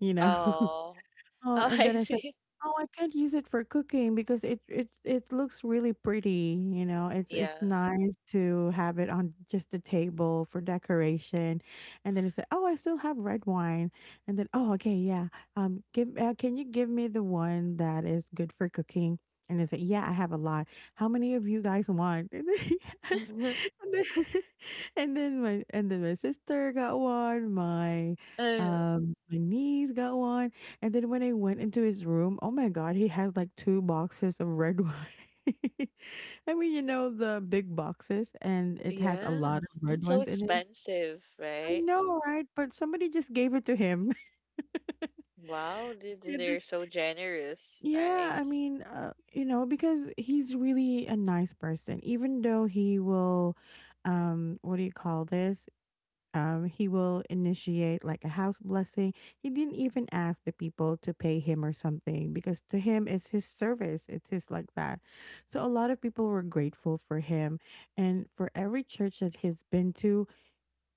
you know? Oh. Oh, Oh, and I then I said, see. "Oh, I can't use it for cooking because it looks really pretty, you know. It's Yeah. nice to have it on just the table for decoration." And then he said, "Oh, I still have red wine." And then, "Oh, okay, yeah. Give can you give me the one that is good for cooking?" And I said, "Yeah, I have a lot. How many of you guys want?" And then he asked, and then, and then my sister got one. My Uh, my niece got one and then when I went into his room, oh my god, he has like two boxes of red wine. I mean, you know, the big boxes and it has a lot of yes. red That's so ones in it. expensive, I right? know, right? But somebody just gave it to him. Wow, they, It is- they're so generous, yeah, right? I mean, you know, because he's really a nice person, even though he will, what do you call this? He will initiate like a house blessing. He didn't even ask the people to pay him or something because to him it's his service. It's his like that. So a lot of people were grateful for him, and for every church that he's been to,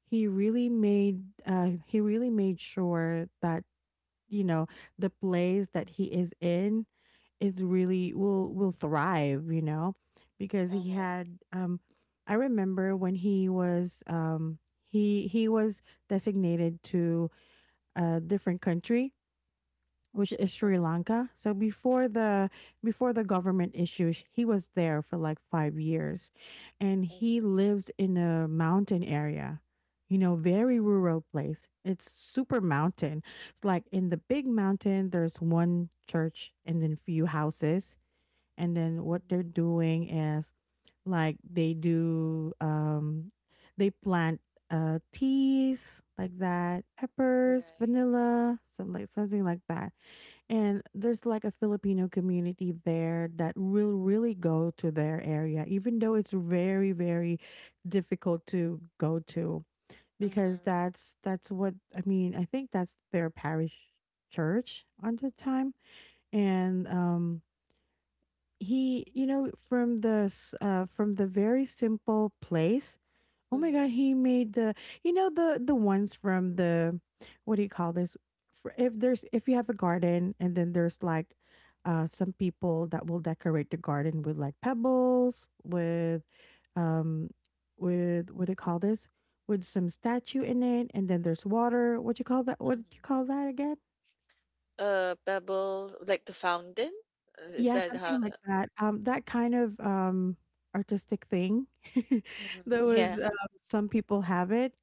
he really made sure that you know the place that he is in is really will thrive, you know, because he Uh-huh. had I remember when he was designated to a different country which is Uh Sri huh. Lanka. So before the government issues, he was there for like 5 years and Uh he lives in a mountain area. You know, very rural place. It's super mountain. It's like in the big mountain there's one church and then few houses and then huh. what they're doing is like they do they plant teas like that peppers Right. vanilla some like something like that and there's like a filipino community there that will really go to their area even though it's very difficult to go to because Mm-hmm. that's what I mean I think that's their parish church on the time and he, you know, from the from the very simple place. Oh my God, Mm-hmm. he made the you know the ones from the what do you call this? For if there's if you have a garden and then there's like some people that will decorate the garden with like pebbles um with what do you call this with some statue in it and then there's water what do you call that what do you Hmm. call that again. Pebble, like the fountain? Is Yeah, that how? something like that. That kind of, artistic thing that Mhm, was, yeah. Some people have it.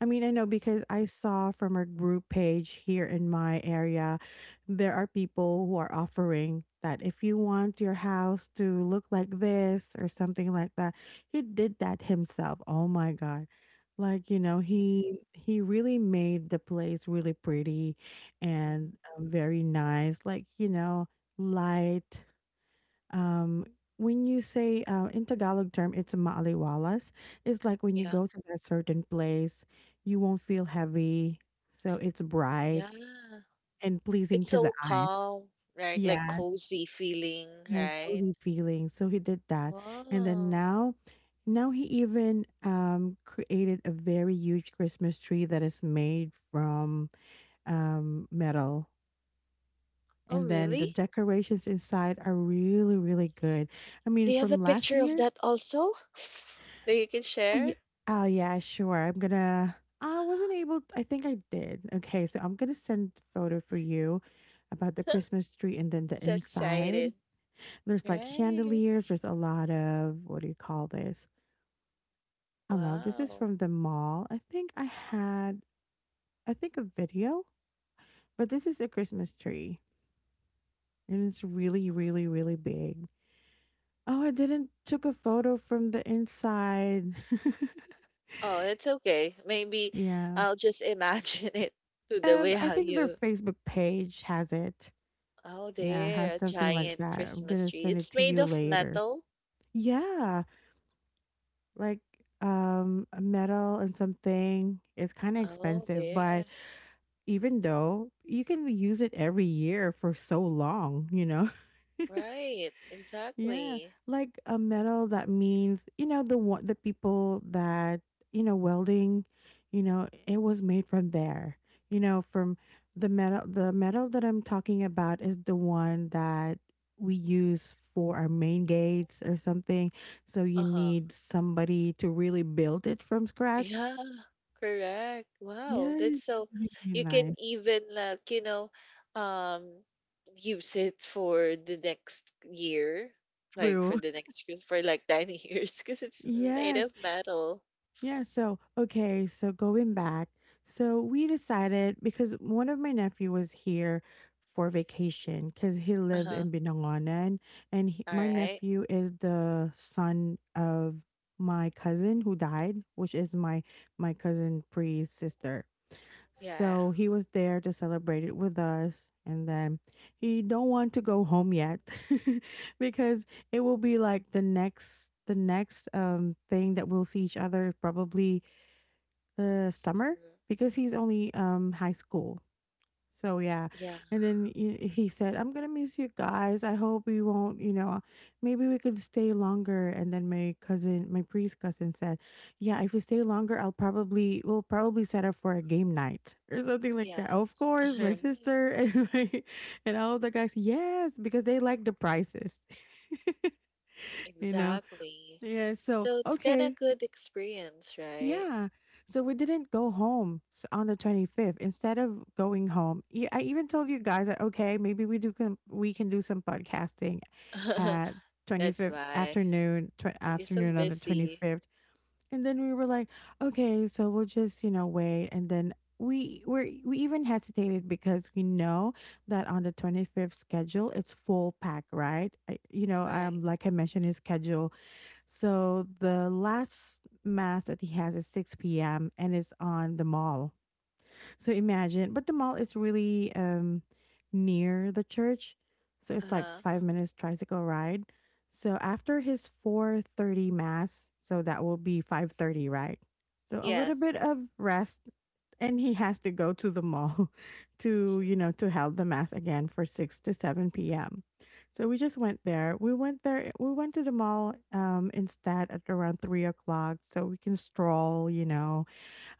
I mean, I know because I saw from a group page here in my area, there are people who are offering that if you want your house to look like this or something like that. He did that himself. Oh my God. Like, you know, Mm-hmm. he really made the place really pretty and Mm-hmm. Very nice. Like, you know, light. Um, when you say in Tagalog term, it's maaliwalas. It's like when you Yeah. go to that certain place, you won't feel heavy. So it's bright Yeah. and pleasing It's to the so eyes. calm, right? Like Yes, cozy feeling, yes, right? cozy feeling. So he did that, and then Wow. now, now he even created a very huge Christmas tree that is made from metal. Oh, And then the really? decorations inside are really, really good. I mean, They have a from last picture of year, that also that you can Uh, share? oh, yeah, sure. I'm gonna I wasn't able I think I did. Okay, so I'm gonna send photo for you about the Christmas tree and then the So inside. excited. There's like Right. chandeliers. There's a lot of what do you call this? I don't know. This is Wow. from the mall. I think a video, but this is a Christmas tree and it's really big. Oh, I didn't took a photo from the inside. Oh, it's okay. Maybe Yeah. I'll just imagine it to the way I how think their you Facebook page has it. Oh, Yeah, I there, had a something like giant that. I'm Christmas gonna tree. send it It's to made you of later. metal. Yeah, like a metal and something. It's kind of Oh, expensive, there. but even though you can use it every year for so long, you know. Right, Yeah, exactly. like a metal that means, you know, the one the people that, you know, welding, you know, it was made from there. You know, from the metal that I'm talking about is the one that we use for our main gates or something. So you Uh-huh. need somebody to really build it from scratch. Yeah, correct. Wow, Yes, that's so really you can nice. even like, you know, um use it for the next year, like for True. the next for like 10 years because it's made Yes, of metal. yeah, so okay, so going back, so we decided because one of my nephew was here for vacation because he lives Uh-huh. in Binangonan, All my right. nephew is the son of my cousin who died, which is my cousin Pri's sister. Yeah. So he was there to celebrate it with us. And then he don't want to go home yet because it will be like the next thing that we'll see each other, probably the summer, Mm-hmm. because he's only high school. So yeah, Yeah. and then he said, "I'm gonna miss you guys. I hope we won't, you know, maybe we could stay longer." And then my cousin, my priest cousin, said, "Yeah, if we stay longer, I'll probably we'll probably set up for a game night or something like that." Of Yes. course, All my right. sister and and all the guys, yes, because they like the prices, you know. Exactly. Yeah, so So it's kind okay, of good experience, right? yeah. So we didn't go home on the 25th. Instead of going home, I even told you guys that okay, maybe we can do some podcasting at That's 25th why afternoon, you're so afternoon on the busy, 25th. And then we were like, okay, so we'll just, you know, wait, and then we even hesitated because we know that on the 25th schedule it's full pack, right? I, you know, right? Like I mentioned, his schedule. So the last mass that he has is 6 p.m. and it's on the mall, so imagine. But the mall is really near the church, so it's like Uh-huh. 5 minutes tricycle ride. So after his 4:30 mass, so that will be 5:30, right? So a little bit Yes. of rest, and he has to go to the mall to, you know, to held the mass again for six to seven p.m. So we just went there. We went there. We went to the mall, instead at around 3 o'clock, so we can stroll, you know,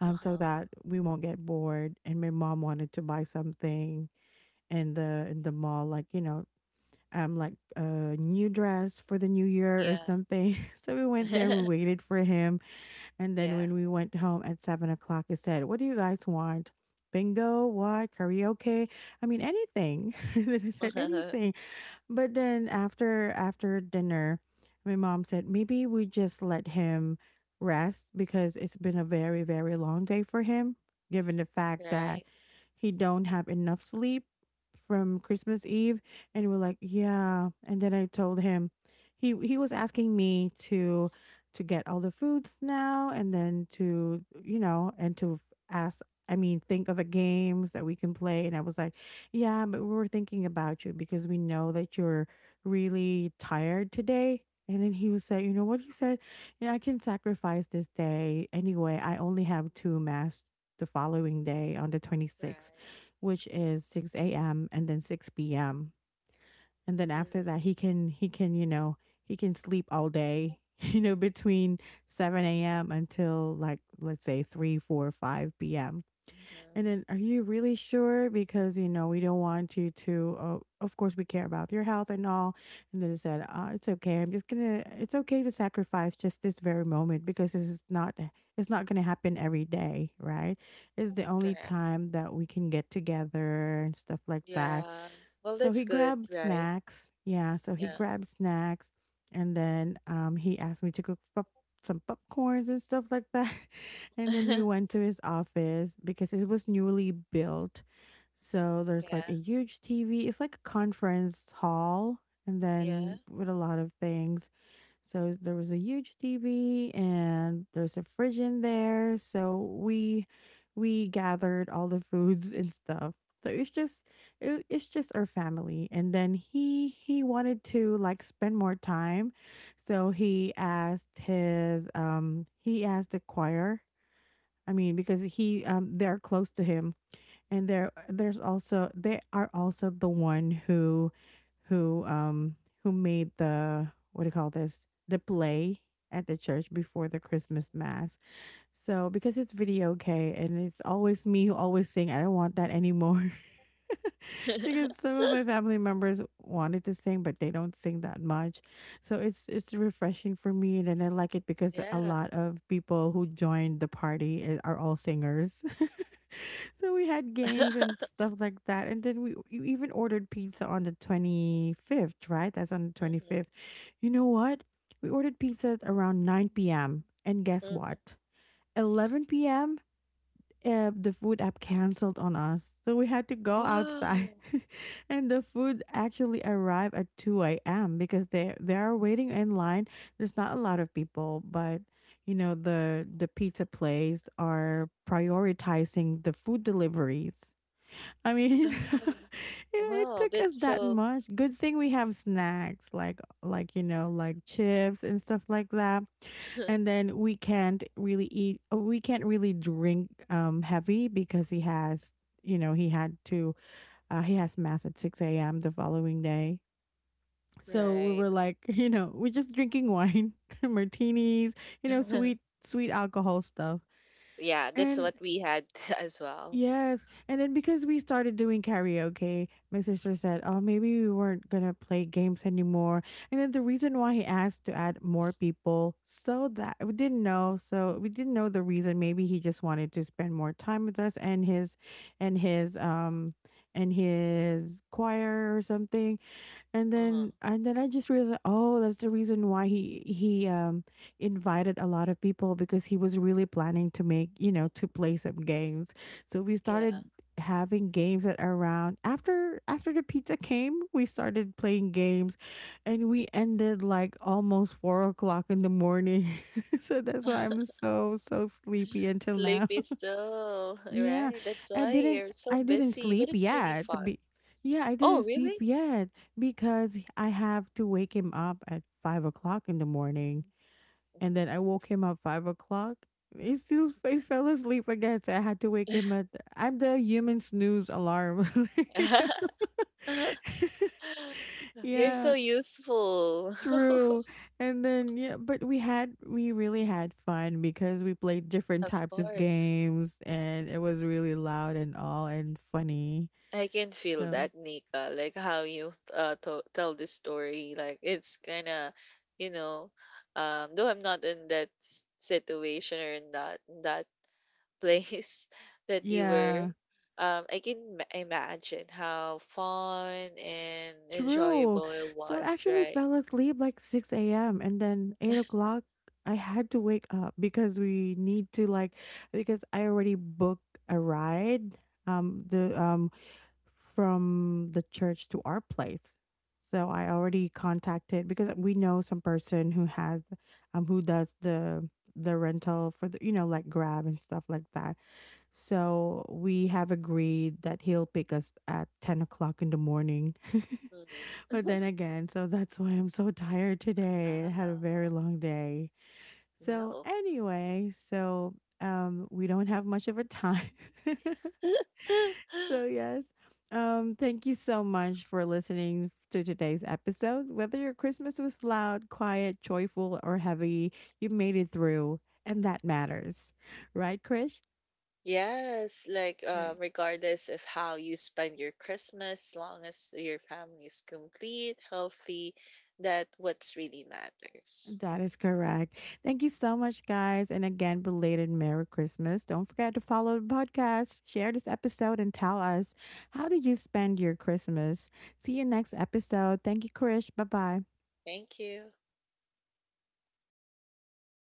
so Uh-huh. that we won't get bored. And my mom wanted to buy something in the mall, like, you know, like a new dress for the new year or Yeah. something. So we went there, we waited for him, and then Yeah. when we went home at 7 o'clock, he said, "What do you guys want? Bingo, what karaoke? I mean, anything." Then I said Uh-huh. anything. But then after dinner, my mom said maybe we just let him rest because it's been a very very long day for him, given the fact that Right. he don't have enough sleep from Christmas Eve. And we're like, yeah. And then I told him, he was asking me to get all the foods now and then to, you know, and to ask, I mean, think of a games that we can play. And I was like, yeah, but we were thinking about you because we know that you're really tired today. And then he was saying, you know what he said? Yeah, I can sacrifice this day anyway. I only have two mass the following day on the 26th, Right. which is 6 a.m. and then 6 p.m. And then after that, Mm-hmm. he can, you know, he can sleep all day. You know, between 7 a.m. until, like let's say, 3, 4, 5 p.m. And Mm-hmm. then, are you really sure? Because, you know, we don't want you to, of course, we care about your health and all. And then he said, it's okay. It's okay to sacrifice just this very moment because this is not, it's not gonna happen every day, right? It's the only Correct. time that we can get together and stuff like that. Yeah. Well, So that's he good, grabbed right? snacks. Yeah, so he Yeah. grabbed snacks, and then he asked me to cook some popcorns and stuff like that. And then we went to his office because it was newly built. So there's like Yeah. a huge TV. It's like a conference hall and Yeah. then with a lot of things. So there was a huge TV and there's a fridge in there. So we gathered all the foods and stuff. So it's just it's just our family, and then he wanted to like spend more time, so he asked his he asked the choir, I mean, because he they're close to him, and there's also they are also the one who who um who made the, what do you call this, the play at the church before the Mhm. Christmas mass. So because it's video, okay, and it's always me who always sing. I don't want that anymore because some of my family members wanted to sing, but they don't sing that much. So it's refreshing for me, and then I like it because a Yeah. lot of people who joined the party are all singers. So we had games and stuff like that, and then we you even ordered pizza on the 25th, right? That's on the 25th. Mm-hmm. You know what, we ordered pizza around 9 p.m., and guess Mm-hmm. what, 11 p.m. The food app canceled on us. So we had to go outside. Wow. And the food actually arrived at 2 a.m. because they are waiting in line. There's not a lot of people, but, you know, the pizza place are prioritizing the food deliveries. I mean, Oh. it Wow, took us that's that so much. Good thing we have snacks, like, you know, like chips and stuff like that. And then we can't really eat, we can't really drink heavy because he has, you know, he had to, he has mass at 6 a.m. the following day. So we right. were like, you know, we're just drinking wine, martinis, you know, sweet sweet alcohol stuff. Yeah, that's And what we had as well. yes. And then because we started doing karaoke, my sister said, "Oh, maybe we weren't going to play games anymore." And then the reason why he asked to add more people, so that we didn't know. So we didn't know the reason. Maybe he just wanted to spend more time with us and and his, um, and his choir or something. And Uh-huh. then I just realized, oh, that's the reason why he invited a lot of people because he was really planning to make, you know, to play some games. So we Yeah. started having games at around, after the pizza came, we started playing games, and we ended like almost 4 o'clock in the morning. So that's why I'm so so sleepy until Sleep now. is still, Yeah, right? That's I why didn't you're so I didn't busy, but sleep it's really yet. fun. Yeah, I Oh, didn't sleep really? yet because I have to wake him up at 5 o'clock in the morning, and then I Mhm. woke him up 5 o'clock. He still he fell asleep again, so I had to wake him at. I'm the human snooze alarm. You're Yeah, so useful. true. And then yeah, but we really had fun because we played different Of types of course. games, and it was really loud and all and funny. I can feel So, that, Nika. Like how you tell the story. Like it's kind of, you know. Though I'm not in that situation or in that place that you were, yeah, I can imagine how fun and true. enjoyable it So I was, actually right? fell asleep like 6 a.m., and then 8 o'clock, I had to wake up because we need to, like, because I already booked a ride, the, from the church to our place. So I already contacted because we know some person who has, who does the rental for the, you know, like Grab and stuff like that. So we have agreed that he'll pick us at 10 o'clock in the morning. Hmm. But then again, so that's why I'm so tired today. I had a very Wow. long day. So, Well. anyway, so, we don't have much of a time. So, yes, thank you so much for listening to today's episode. Whether your Christmas was loud, quiet, joyful, or heavy, you made it through, and that matters. Right, Krish? Yes, like regardless of how you spend your Christmas, long as your family is complete, healthy, that what's really matters. That is correct. Thank you so much, guys. And again, belated Merry Christmas. Don't forget to follow the podcast, share this episode, and tell us how did you spend your Christmas. See you next episode. Thank you, Krish. Bye bye. Thank you.